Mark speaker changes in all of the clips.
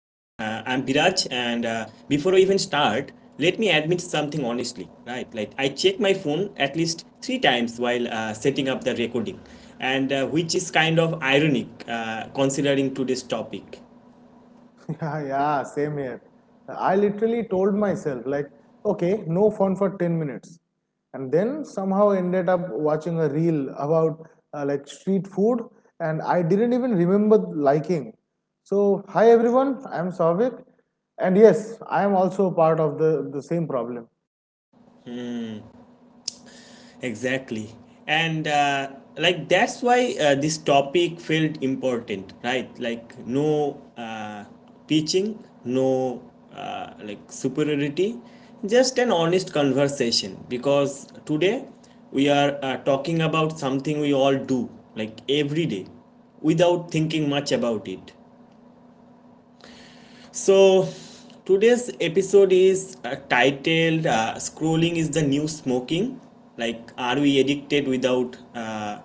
Speaker 1: before I even start, let me admit something honestly. Right, like I check my phone at least three times while setting up the recording, and which is kind of ironic considering today's topic.
Speaker 2: Yeah, yeah, same here. I literally told myself, okay, no phone for 10 minutes. And then somehow ended up watching a reel about like street food, and I didn't even remember liking. So, hi everyone, I'm Savik, and yes, I am also part of the same problem.
Speaker 1: Exactly. And like that's why this topic felt important, right? Like no teaching, no like superiority, just an honest conversation, because today we are talking about something we all do, like every day, without thinking much about it. So, today's episode is titled Scrolling is the New Smoking. Like, are we addicted without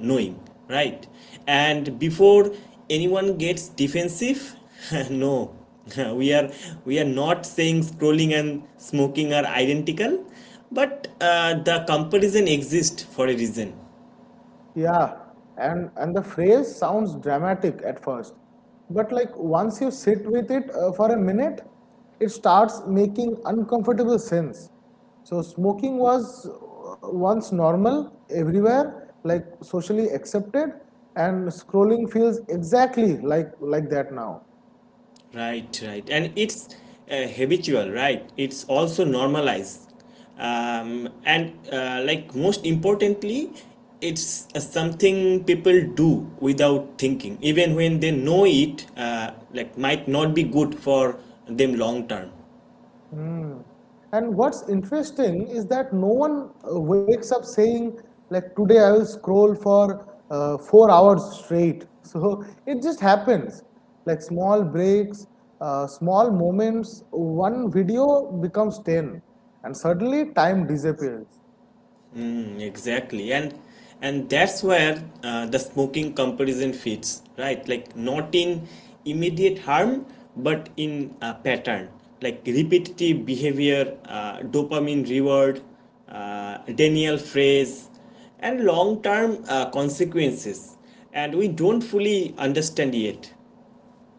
Speaker 1: knowing? Right? And before anyone gets defensive, no. we are we are not saying scrolling and smoking are identical, but the comparison exists for a reason.
Speaker 2: Yeah, and the phrase sounds dramatic at first, but like once you sit with it for a minute, it starts making uncomfortable sense. So smoking was once normal everywhere, like socially accepted, and scrolling feels exactly like that now.
Speaker 1: Right, right. And it's habitual, right? It's also normalized. And like most importantly, it's something people do without thinking, even when they know it, like might not be good for them long term.
Speaker 2: Mm. And what's interesting is that no one wakes up saying, like, today I will scroll for 4 hours straight. So it just happens. Like small breaks, small moments, one video becomes 10, and suddenly time disappears.
Speaker 1: Mm, exactly. And that's where the smoking comparison fits, right? Like not in immediate harm, but in a pattern, like repetitive behavior, dopamine reward, denial phrase, and long term consequences, and we don't fully understand yet.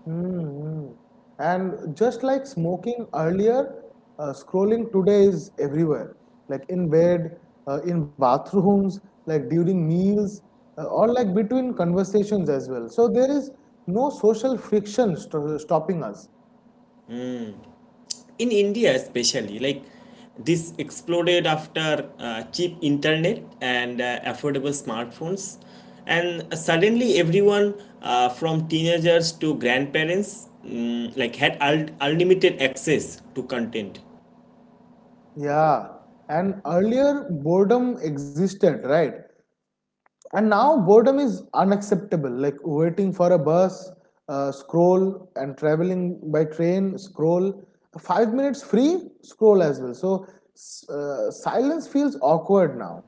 Speaker 2: Mm-hmm. And just like smoking earlier, scrolling today is everywhere, like in bed, in bathrooms, like during meals, or like between conversations as well. So there is no social friction st stopping us.
Speaker 1: In India especially, like this exploded after cheap internet and affordable smartphones, and suddenly everyone, from teenagers to grandparents, like had unlimited access to content.
Speaker 2: Yeah, and earlier boredom existed, right? And now boredom is unacceptable, like waiting for a bus, scroll, and traveling by train, scroll. 5 minutes free, scroll as well. So silence feels awkward now.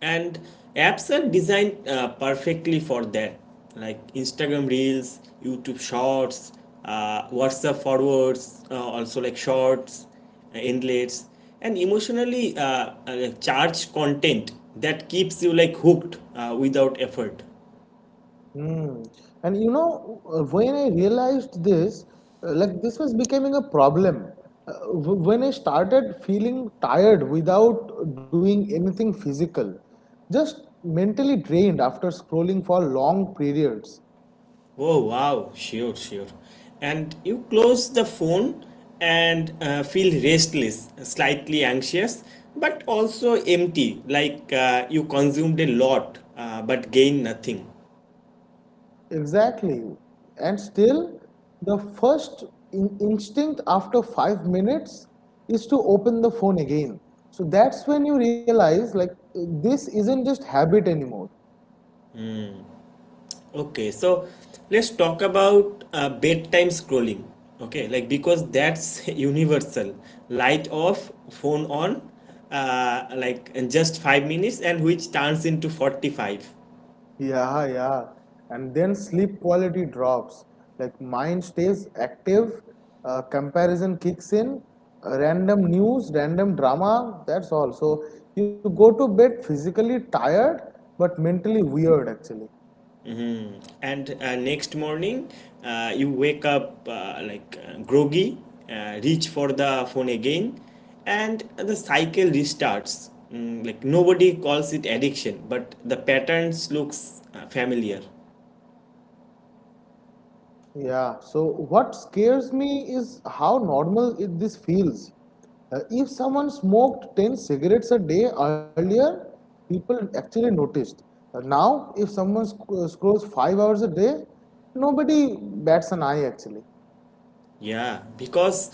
Speaker 1: And apps are designed perfectly for that, like Instagram Reels, YouTube Shorts, WhatsApp forwards, also like shorts, inlets, and emotionally like charged content that keeps you like hooked without effort.
Speaker 2: Hmm. And you know, when I realized this, this was becoming a problem. Uh, when I started feeling tired without doing anything physical, just mentally drained after scrolling for long periods.
Speaker 1: Oh wow, sure, sure. And you close the phone and feel restless, slightly anxious, but also empty, like you consumed a lot but gained nothing.
Speaker 2: Exactly. And still, the first in instinct after 5 minutes is to open the phone again. So that's when you realize, like, this isn't just habit anymore.
Speaker 1: Okay, so let's talk about bedtime scrolling. Okay, like because that's universal. Light off, phone on, like in just 5 minutes, and which turns into 45.
Speaker 2: Yeah, yeah. And then sleep quality drops. Like, mind stays active, comparison kicks in, random news, random drama, that's all. So you go to bed physically tired, but mentally weird, actually.
Speaker 1: Mm. And next morning, you wake up groggy, reach for the phone again, and the cycle restarts. Mm, like nobody calls it addiction, but the patterns looks familiar.
Speaker 2: Yeah, so what scares me is how normal this feels. If someone smoked 10 cigarettes a day earlier, people actually noticed. Now, if someone scrolls 5 hours a day, nobody bats an eye actually.
Speaker 1: Yeah, because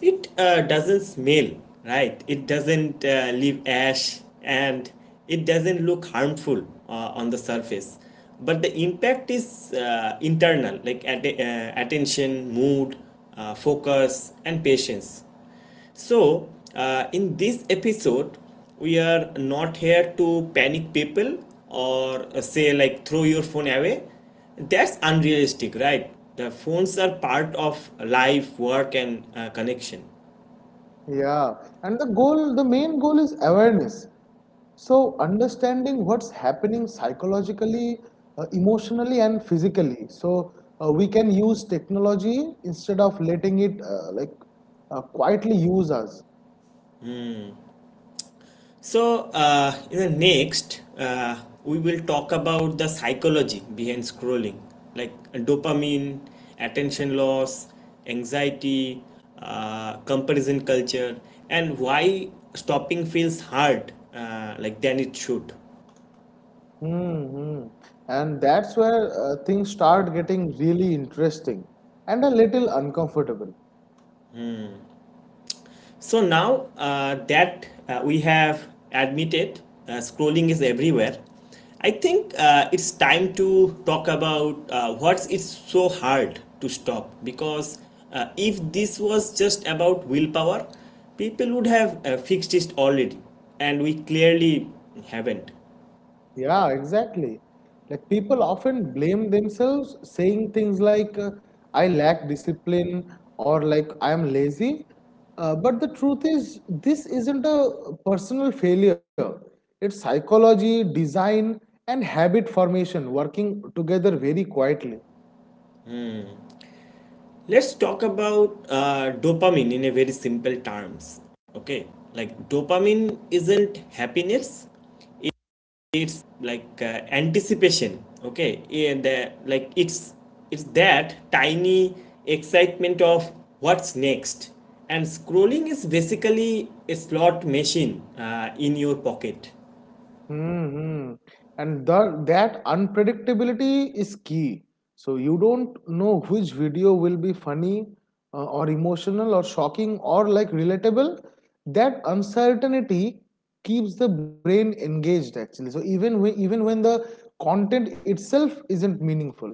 Speaker 1: it doesn't smell, right? It doesn't leave ash and it doesn't look harmful on the surface. But the impact is internal, like attention, mood, focus, and patience. So, in this episode, we are not here to panic people or say, like, throw your phone away. That's unrealistic, right? The phones are part of life, work, and connection.
Speaker 2: Yeah, and the goal, the main goal is awareness. So, understanding what's happening psychologically, emotionally, and physically. So, we can use technology instead of letting it quietly use us.
Speaker 1: So, in the next, we will talk about the psychology behind scrolling, like dopamine, attention loss, anxiety, comparison culture, and why stopping feels hard, like than it should.
Speaker 2: Hmm. And that's where things start getting really interesting and a little uncomfortable.
Speaker 1: So now that we have admitted scrolling is everywhere, I think it's time to talk about what's it's so hard to stop, because if this was just about willpower, people would have fixed it already, and we clearly haven't.
Speaker 2: Yeah, exactly. Like people often blame themselves saying things like, I lack discipline or like I am lazy. But the truth is, this isn't a personal failure. It's psychology, design, and habit formation working together very quietly.
Speaker 1: Let's talk about dopamine in a very simple terms. Okay, like dopamine isn't happiness, like anticipation, okay? And the, like it's it's that tiny excitement of what's next, and scrolling is basically a slot machine in your pocket.
Speaker 2: Hmm. And that unpredictability is key. So you don't know which video will be funny or emotional or shocking or like relatable. That uncertainty keeps the brain engaged actually. So even when the content itself isn't meaningful.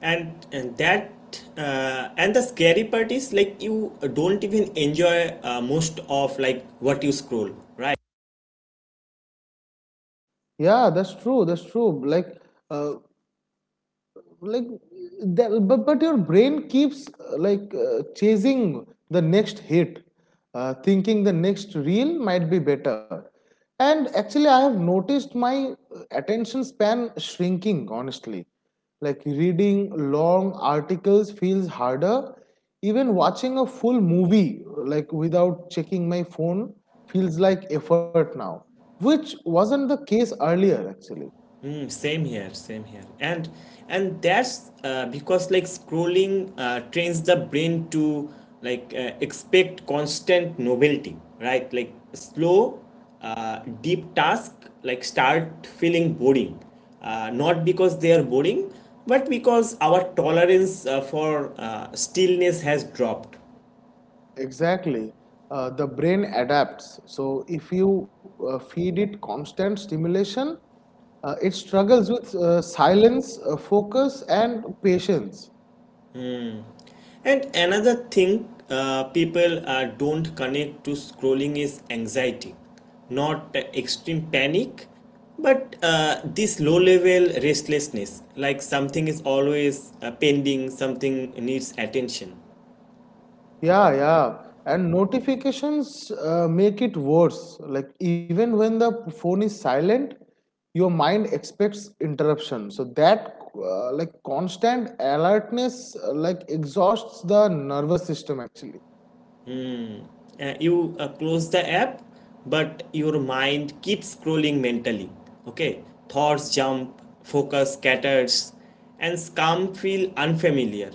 Speaker 1: And and that uh, and the scary part is, like you don't even enjoy most of like what you scroll, right?
Speaker 2: Yeah, that's true. That's true. Uh, like your brain keeps chasing the next hit thinking the next reel might be better, and actually I have noticed my attention span shrinking honestly. Like reading long articles feels harder, even watching a full movie like without checking my phone feels like effort now, which wasn't the case earlier actually.
Speaker 1: Mm, same here, same here. And that's because like scrolling trains the brain to expect constant novelty, right? Like slow, deep task like start feeling boring. Not because they are boring, but because our tolerance for stillness has dropped.
Speaker 2: Exactly. The brain adapts. So if you feed it constant stimulation, it struggles with silence, focus, and patience.
Speaker 1: And another thing people don't connect to scrolling is anxiety, not extreme panic, but this low level restlessness, like something is always pending, something needs attention.
Speaker 2: Yeah, yeah. And notifications make it worse. Like even when the phone is silent, your mind expects interruption. So that constant alertness exhausts the nervous system actually.
Speaker 1: You close the app, but your mind keeps scrolling mentally. Okay, thoughts jump, focus scatters, and calm feel unfamiliar.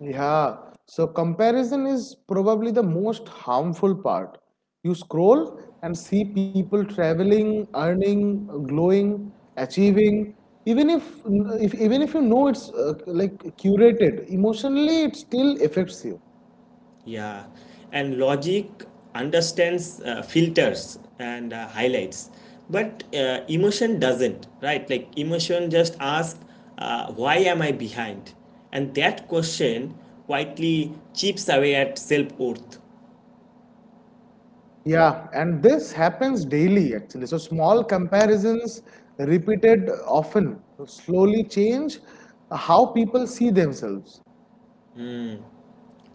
Speaker 2: Yeah, so comparison is probably the most harmful part. You scroll and see people traveling, earning, glowing, achieving. Even if, Even if you know it's curated, emotionally it still affects you.
Speaker 1: Yeah, and logic understands filters and highlights, but emotion doesn't, right? Like emotion just asks, why am I behind? And that question quietly chips away at self worth.
Speaker 2: Yeah, and this happens daily actually. So small comparisons repeated often slowly change how people see themselves.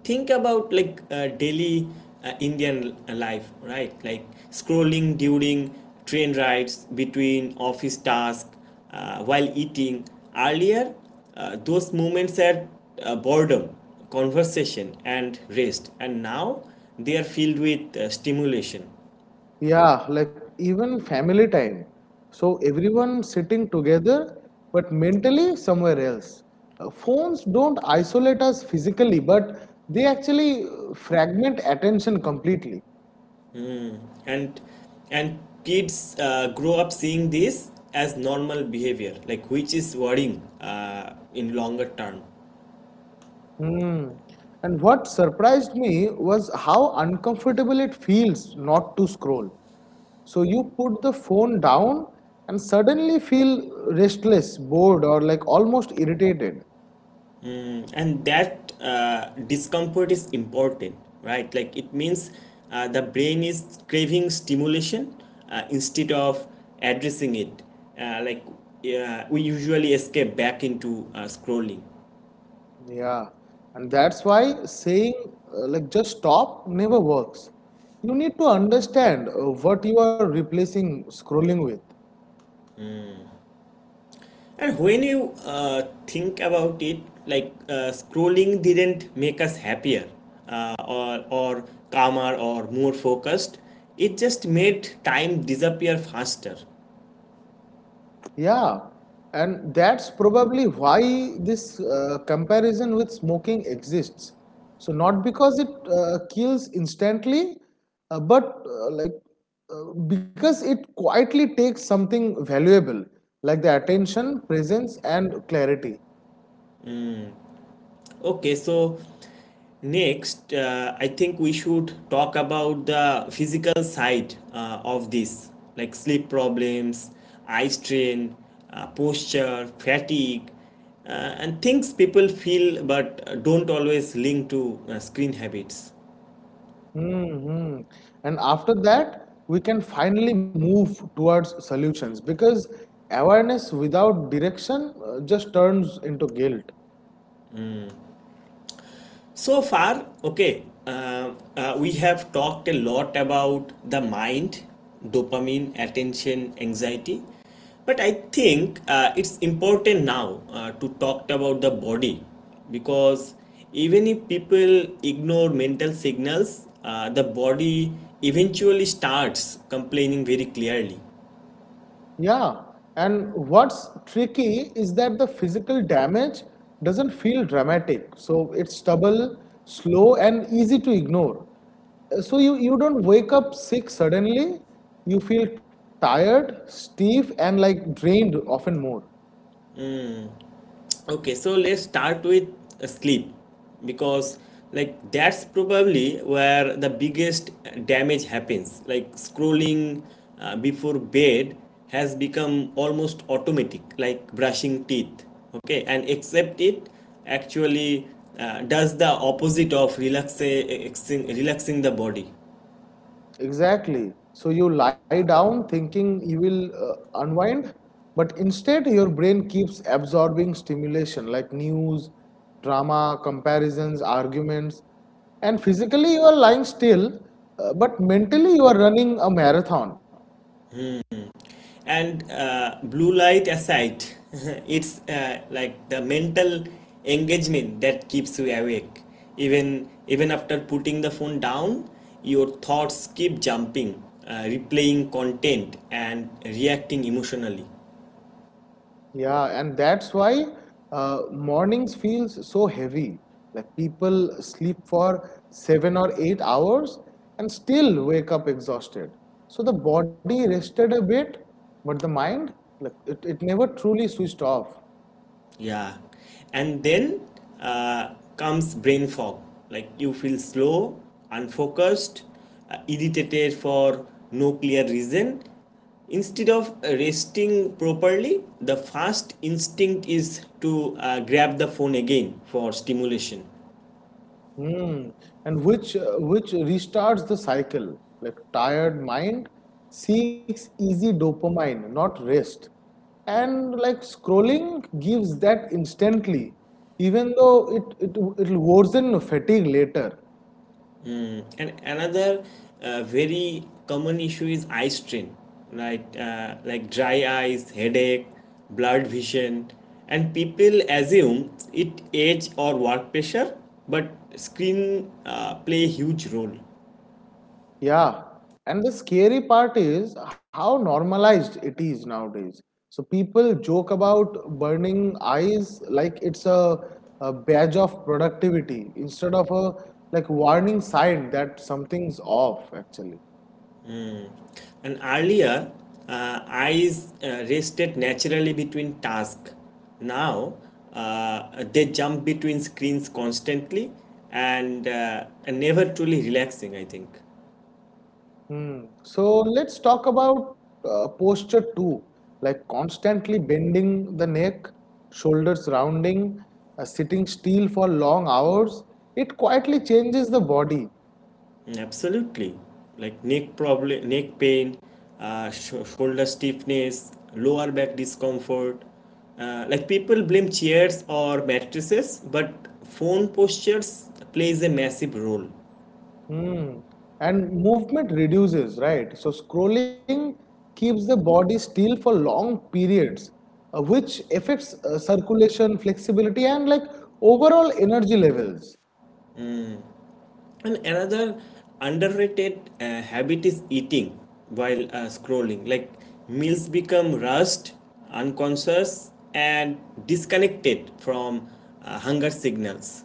Speaker 1: Think about like daily Indian life, right? Like scrolling during train rides, between office tasks, while eating. Earlier, those moments had boredom, conversation and rest, and now they are filled with stimulation.
Speaker 2: Yeah, like even family time. So everyone sitting together, but mentally somewhere else. Phones don't isolate us physically, but they actually fragment attention completely.
Speaker 1: And and kids grow up seeing this as normal behavior, like which is worrying in longer term.
Speaker 2: Hmm. And what surprised me was how uncomfortable it feels not to scroll. So you put the phone down and suddenly feel restless, bored, or like almost irritated.
Speaker 1: Mm, and that discomfort is important, right? Like it means the brain is craving stimulation instead of addressing it. Uh, like we usually escape back into scrolling.
Speaker 2: Yeah, and that's why saying just stop never works. You need to understand what you are replacing scrolling with.
Speaker 1: And when you think about it, like scrolling didn't make us happier or calmer or more focused, it just made time disappear faster.
Speaker 2: Yeah, and that's probably why this comparison with smoking exists. So, not because it kills instantly, but because it quietly takes something valuable, like the attention, presence, and clarity.
Speaker 1: Okay, so next, I think we should talk about the physical side of this, like sleep problems, eye strain, posture, fatigue, uh, and things people feel but don't always link to screen habits.
Speaker 2: Hmm. And after that, we can finally move towards solutions, because awareness without direction just turns into guilt.
Speaker 1: So far, okay, we have talked a lot about the mind, dopamine, attention, anxiety, but I think it's important now to talk about the body, because even if people ignore mental signals, the body eventually starts complaining very clearly.
Speaker 2: Yeah. And what's tricky is that the physical damage doesn't feel dramatic. So it's stubble, slow, and easy to ignore. So you don't wake up sick suddenly. You feel tired, stiff, and like drained often more.
Speaker 1: Okay, so let's start with sleep, because like that's probably where the biggest damage happens. Like scrolling before bed has become almost automatic, like brushing teeth. Okay, and except it actually does the opposite of relaxing, relaxing the body.
Speaker 2: Exactly. So you lie down thinking you will unwind, but instead your brain keeps absorbing stimulation like news, drama, comparisons, arguments, and physically you are lying still, but mentally you are running a marathon.
Speaker 1: And blue light aside, it's like the mental engagement that keeps you awake, even after putting the phone down your thoughts keep jumping, replaying content and reacting emotionally.
Speaker 2: Yeah, and that's why mornings feels so heavy. Like people sleep for 7 or 8 hours and still wake up exhausted. So the body rested a bit, but the mind, it never truly switched off.
Speaker 1: Yeah. And then uh, comes brain fog. Like you feel slow, unfocused, irritated for no clear reason. Instead of resting properly, the first instinct is to grab the phone again for stimulation.
Speaker 2: Hmm. And which restarts the cycle. Like tired mind seeks easy dopamine, not rest. And like scrolling gives that instantly, even though it'll worsen fatigue later.
Speaker 1: And another very common issue is eye strain, right? Like dry eyes, headache, blurred vision, and people assume it age or work pressure, but screen play a huge role.
Speaker 2: Yeah. And the scary part is how normalized it is nowadays. So people joke about burning eyes like it's a badge of productivity instead of a like warning sign that something's off actually.
Speaker 1: And earlier, eyes rested naturally between tasks. Now they jump between screens constantly and never truly relaxing, I think.
Speaker 2: Hmm. So let's talk about posture too, like constantly bending the neck, shoulders rounding, sitting still for long hours. It quietly changes the body.
Speaker 1: Absolutely. Like neck problem, neck pain, shoulder stiffness, lower back discomfort. Like people blame chairs or mattresses, but phone postures plays a massive role.
Speaker 2: Mm. And movement reduces, right? So scrolling keeps the body still for long periods, which affects circulation, flexibility, and like overall energy levels.
Speaker 1: And another underrated habit is eating while scrolling. Like meals become rushed, unconscious, and disconnected from hunger signals.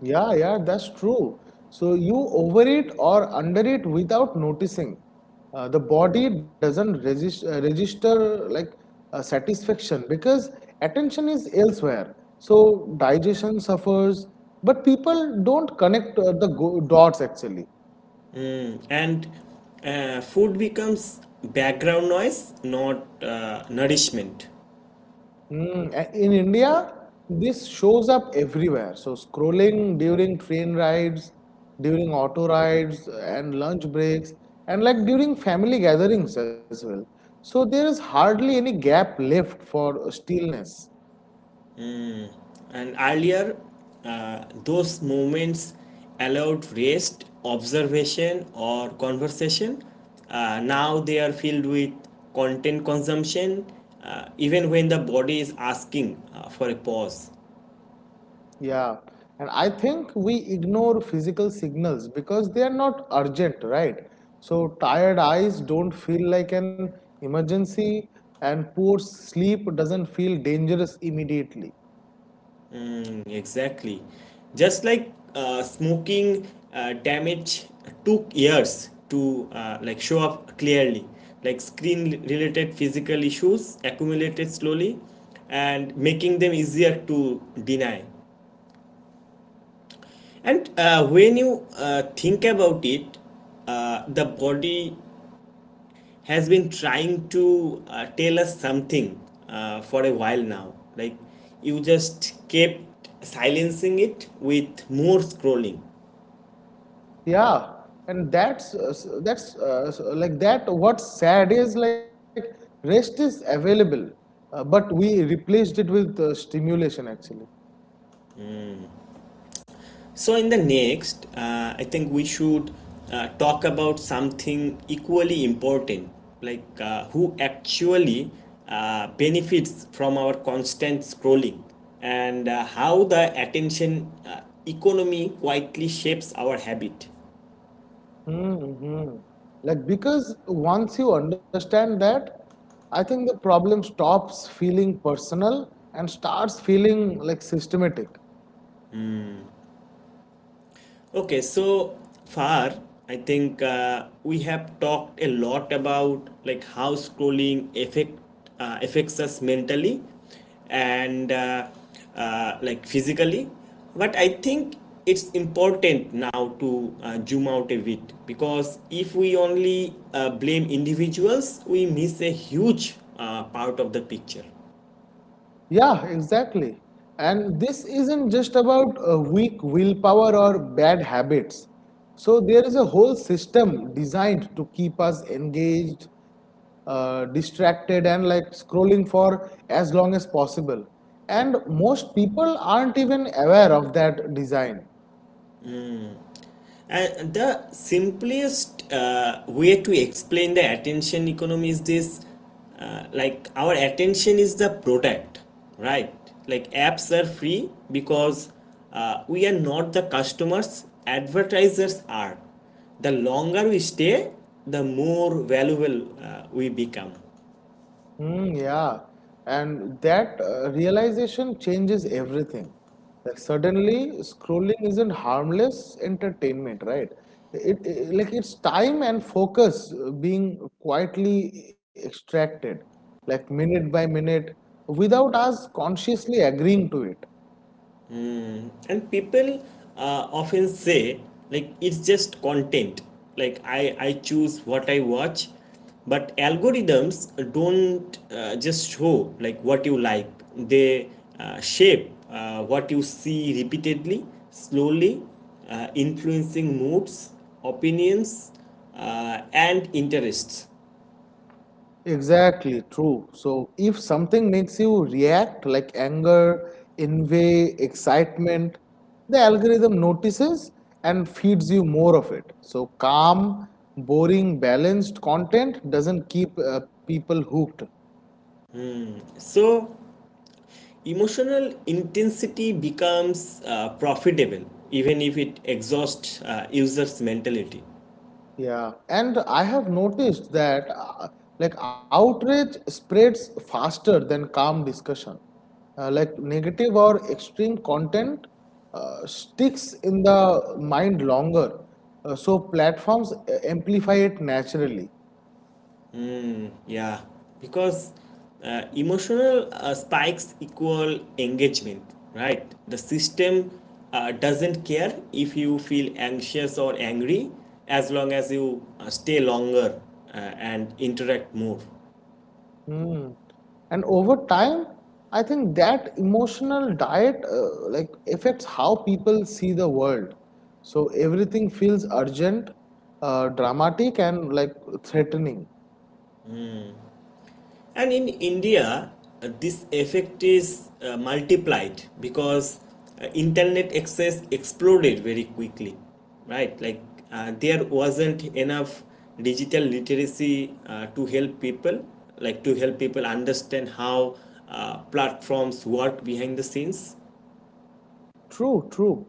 Speaker 2: Yeah, yeah, that's true. So you overeat or undereat without noticing. Uh, the body doesn't register like satisfaction because attention is elsewhere. So digestion suffers, but people don't connect the go dots actually.
Speaker 1: Mm, and food becomes background noise, not nourishment.
Speaker 2: Mm, in India, this shows up everywhere. So, scrolling during train rides, during auto rides, and lunch breaks, and like during family gatherings as well. So, there is hardly any gap left for stillness.
Speaker 1: And earlier, those moments allowed rest, observation, or conversation. Now they are filled with content consumption, even when the body is asking for a pause.
Speaker 2: Yeah. And I think we ignore physical signals because they are not urgent, right? So, tired eyes don't feel like an emergency, and poor sleep doesn't feel dangerous immediately.
Speaker 1: Exactly. Just like smoking damage took years to like show up clearly. Like screen related physical issues accumulated slowly, and making them easier to deny. And when you think about it, the body has been trying to tell us something for a while now. Like you just kept silencing it with more scrolling.
Speaker 2: Yeah, and that's s- that's s- like that. What's sad is like rest is available, but we replaced it with stimulation actually.
Speaker 1: So, in the next, I think we should talk about something equally important, like who actually benefits from our constant scrolling and how the attention economy quietly shapes our habit.
Speaker 2: Mm-hmm. Like because once you understand that, I think the problem stops feeling personal and starts feeling like systematic.
Speaker 1: Okay, so far, I think we have talked a lot about like how scrolling affect affects us mentally and like physically, but I think it's important now to zoom out a bit, because if we only blame individuals, we miss a huge part of the picture.
Speaker 2: Yeah, exactly. And this isn't just about weak willpower or bad habits. So there is a whole system designed to keep us engaged, distracted, and like scrolling for as long as possible. And most people aren't even aware of that design.
Speaker 1: And the simplest way to explain the attention economy is this, like our attention is the product, right? Like apps are free because we are not the customers, advertisers are. The longer we stay, the more valuable we become.
Speaker 2: Mm, yeah, and that realization changes everything. Like suddenly, scrolling isn't harmless entertainment, right? It's time and focus being quietly extracted, like minute by minute, without us consciously agreeing to it.
Speaker 1: And people often say, like it's just content, like I choose what I watch. But algorithms don't just show like what you like, they shape what you see repeatedly, slowly influencing moods, opinions, and interests.
Speaker 2: Exactly, true. So if something makes you react like anger, envy, excitement, the algorithm notices and feeds you more of it. So calm, boring, balanced content doesn't keep people hooked.
Speaker 1: So emotional intensity becomes profitable, even if it exhausts users' mentality.
Speaker 2: Yeah, and I have noticed that outrage spreads faster than calm discussion. Like negative or extreme content sticks in the mind longer. So platforms amplify it naturally.
Speaker 1: Yeah, because emotional spikes equal engagement, right? The system doesn't care if you feel anxious or angry as long as you stay longer and interact more.
Speaker 2: Hmm. And over time, I think that emotional diet affects how people see the world. So everything feels urgent, dramatic, and like threatening.
Speaker 1: And in India, this effect is multiplied because internet access exploded very quickly, right? Like there wasn't enough digital literacy to help people understand how platforms work behind the scenes.
Speaker 2: True, true.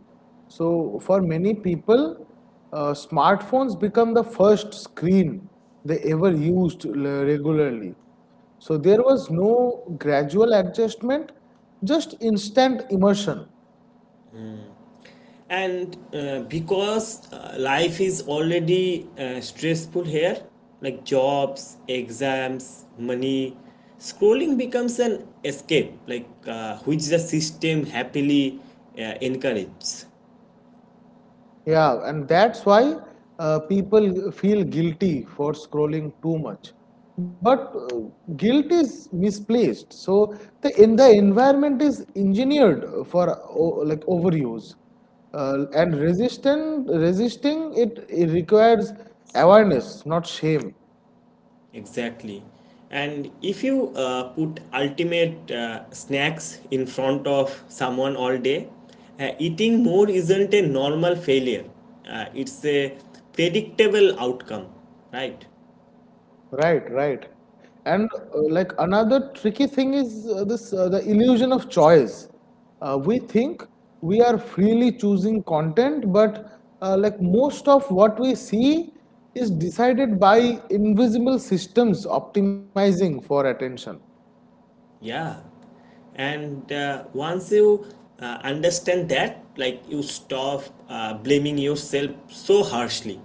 Speaker 2: So for many people, smartphones become the first screen they ever used regularly. So there was no gradual adjustment, just instant immersion.
Speaker 1: And because life is already stressful here, like jobs, exams, money, scrolling becomes an escape, which the system happily encourages.
Speaker 2: Yeah, and that's why people feel guilty for scrolling too much. But guilt is misplaced. So the environment is engineered for overuse, and resistant resisting it, it requires awareness, not shame.
Speaker 1: Exactly. And if you put ultimate snacks in front of someone all day, eating more isn't a normal failure, it's a predictable outcome, right?
Speaker 2: Right, right. And another tricky thing is this the illusion of choice. We think we are freely choosing content, but most of what we see is decided by invisible systems optimizing for attention.
Speaker 1: Yeah. And once you understand that, like you stop blaming yourself so harshly.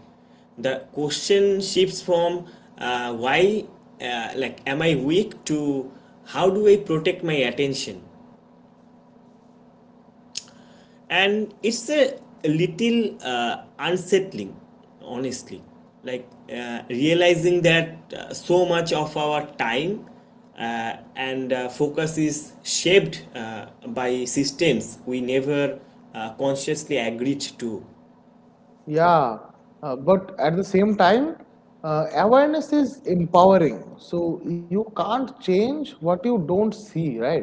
Speaker 1: The question shifts from why, like, am I weak to how do I protect my attention? And it's a little unsettling, honestly, like realizing that so much of our time and focus is shaped by systems we never consciously agreed to.
Speaker 2: Yeah, but at the same time, awareness is empowering. So you can't change what you don't see, right?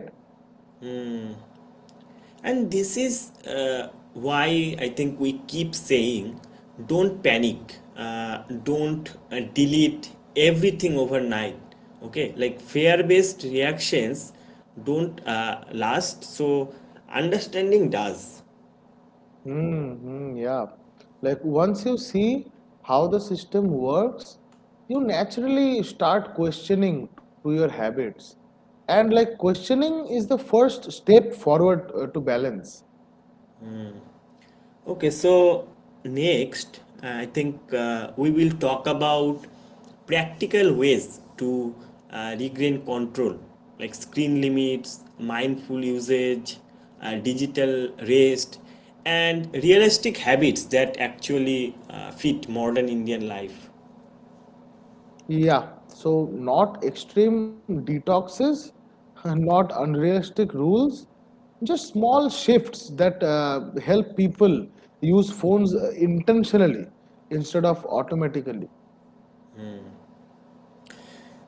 Speaker 1: And this is why I think we keep saying don't panic, don't delete everything overnight. Okay, like fear based reactions don't last, so understanding does.
Speaker 2: Mm-hmm, yeah. Like once you see how the system works, you naturally start questioning to your habits. And like questioning is the first step forward to balance.
Speaker 1: Okay, so next, I think we will talk about practical ways to regain control, like screen limits, mindful usage, digital rest, and realistic habits that actually fit modern Indian life.
Speaker 2: Yeah, so not extreme detoxes, not unrealistic rules, just small shifts that help people use phones intentionally instead of automatically.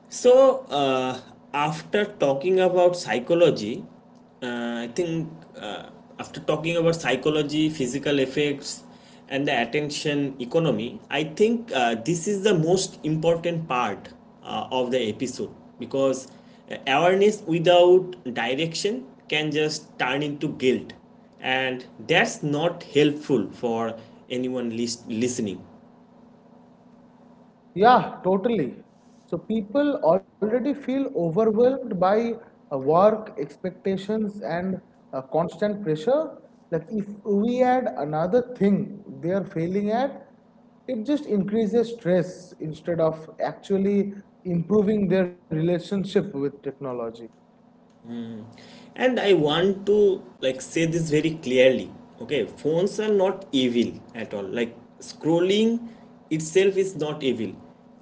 Speaker 1: So, after talking about psychology, I think uh, After talking about psychology, physical effects, and the attention economy, I think this is the most important part of the episode because awareness without direction can just turn into guilt, and that's not helpful for anyone listening.
Speaker 2: Yeah, totally. So people already feel overwhelmed by work expectations and constant pressure. Like if we add another thing they are failing at, it just increases stress instead of actually improving their relationship with technology.
Speaker 1: And I want to like say this very clearly. Okay, phones are not evil at all, like scrolling itself is not evil.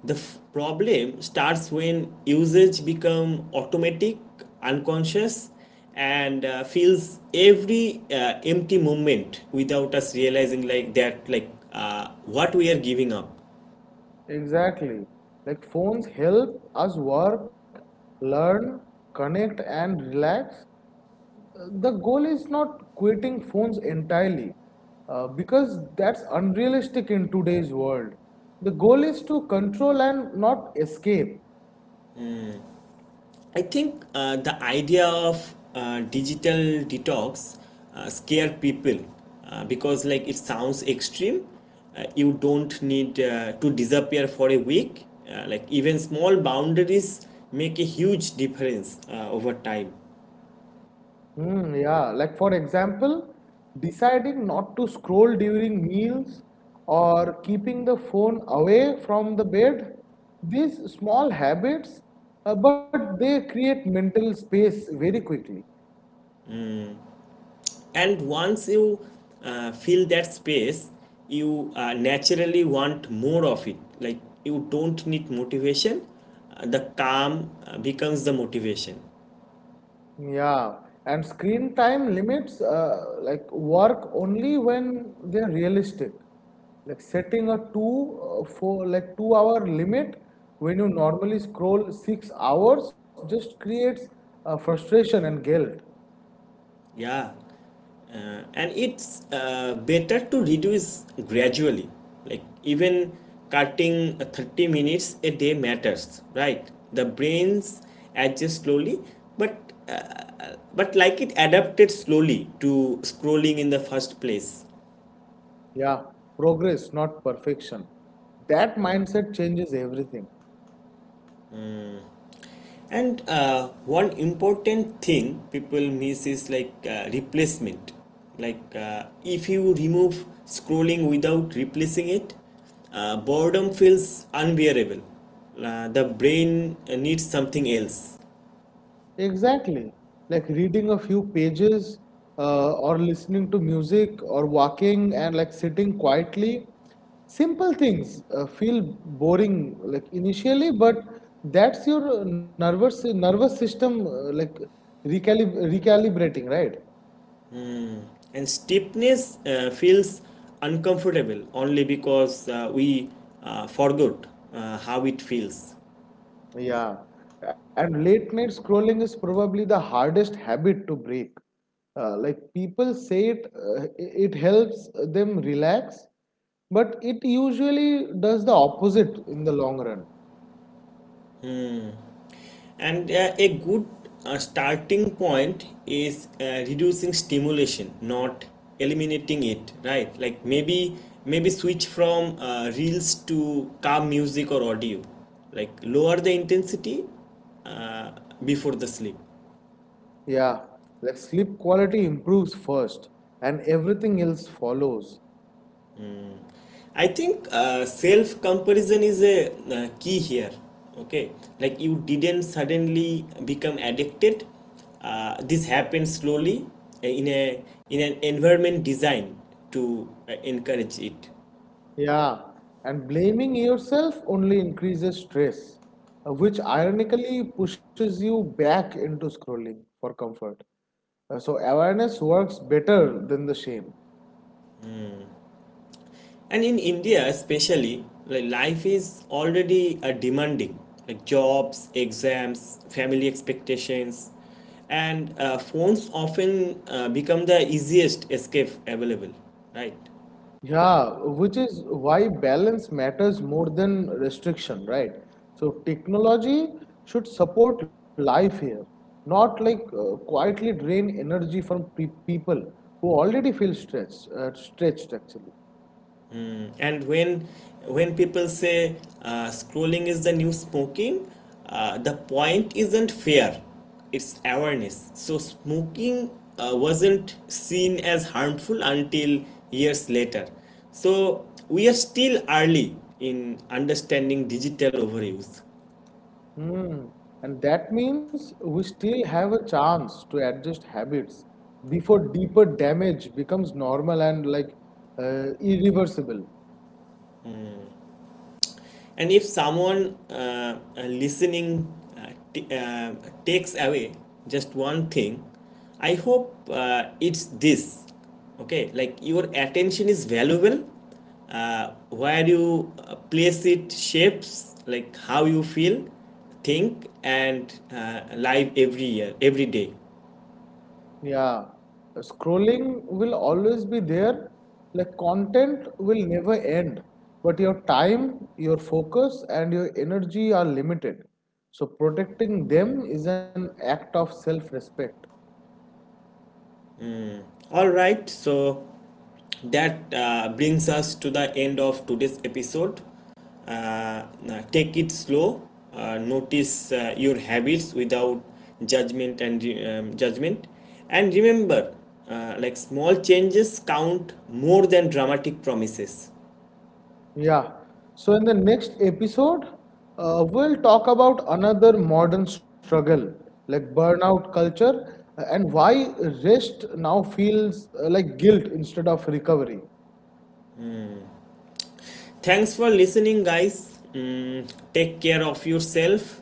Speaker 1: The problem starts when usage become automatic, unconscious, and feels every empty moment without us realizing like that like what we are giving up.
Speaker 2: Exactly. Like phones help us work, learn, connect, and relax. The goal is not quitting phones entirely because that's unrealistic in today's world. The goal is to control and not escape.
Speaker 1: I think the idea of digital detox scare people because like it sounds extreme. You don't need to disappear for a week. Like even small boundaries make a huge difference over time.
Speaker 2: Hmm, yeah, like for example, deciding not to scroll during meals or keeping the phone away from the bed. These small habits, but they create mental space very quickly.
Speaker 1: And once you fill that space, you naturally want more of it. Like you don't need motivation. The calm becomes the motivation.
Speaker 2: Yeah, and screen time limits work only when they're realistic. Like setting a two for like 2 hour limit when you normally scroll 6 hours just creates frustration and guilt.
Speaker 1: Yeah, and it's better to reduce gradually. Like even cutting 30 minutes a day matters, right? The brains adjust slowly, but like it adapted slowly to scrolling in the first place.
Speaker 2: Yeah, progress, not perfection. That mindset changes everything.
Speaker 1: And one important thing people miss is like replacement. Like if you remove scrolling without replacing it, boredom feels unbearable. The brain needs something else.
Speaker 2: Exactly. Like reading a few pages or listening to music or walking and like sitting quietly. Simple things feel boring like initially, but that's your nervous system recalibrating, right?
Speaker 1: And stiffness feels uncomfortable only because we forgot how it feels.
Speaker 2: Yeah, and late night scrolling is probably the hardest habit to break. Like people say it helps them relax, but it usually does the opposite in the long run.
Speaker 1: And a good starting point is reducing stimulation, not eliminating it, right? Like maybe switch from reels to calm music or audio. Like lower the intensity uh, before the sleep.
Speaker 2: Yeah, like sleep quality improves first, and everything else follows.
Speaker 1: I think self comparison is a key here. Okay, like you didn't suddenly become addicted. This happens slowly uh, in a in an environment designed to encourage it.
Speaker 2: Yeah, and blaming yourself only increases stress, which ironically pushes you back into scrolling for comfort. So awareness works better than the shame.
Speaker 1: And in India, especially, like life is already demanding, like jobs, exams, family expectations, and phones often become the easiest escape available, right?
Speaker 2: Yeah, which is why balance matters more than restriction, right? So technology should support life here, not like quietly drain energy from pe people who already feel stretched, stretched actually.
Speaker 1: And when people say scrolling is the new smoking, the point isn't fear, it's awareness. So smoking wasn't seen as harmful until years later, so we are still early in understanding digital overuse.
Speaker 2: Hmm. And that means we still have a chance to adjust habits before deeper damage becomes normal and irreversible.
Speaker 1: And if someone uh, t- uh, takes away just one thing, I hope it's this. Okay, like your attention is valuable. Where you place it shapes like how you feel, think, and live every year, every day.
Speaker 2: Yeah, scrolling will always be there. Like content will never end, but your time, your focus, and your energy are limited. So protecting them is an act of self-respect.
Speaker 1: All right, so that brings us to the end of today's episode. Uh, Take it slow, notice your habits without judgment, and remember, like small changes count more than dramatic promises.
Speaker 2: Yeah. So in the next episode, we'll talk about another modern struggle, like burnout culture, and why rest now feels like guilt instead of recovery.
Speaker 1: Thanks for listening, guys. Mm, take care of yourself,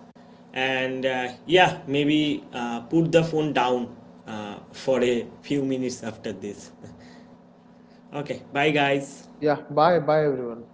Speaker 1: and yeah, maybe put the phone down for a few minutes after this. Okay, bye guys.
Speaker 2: Yeah. Bye. Bye, everyone.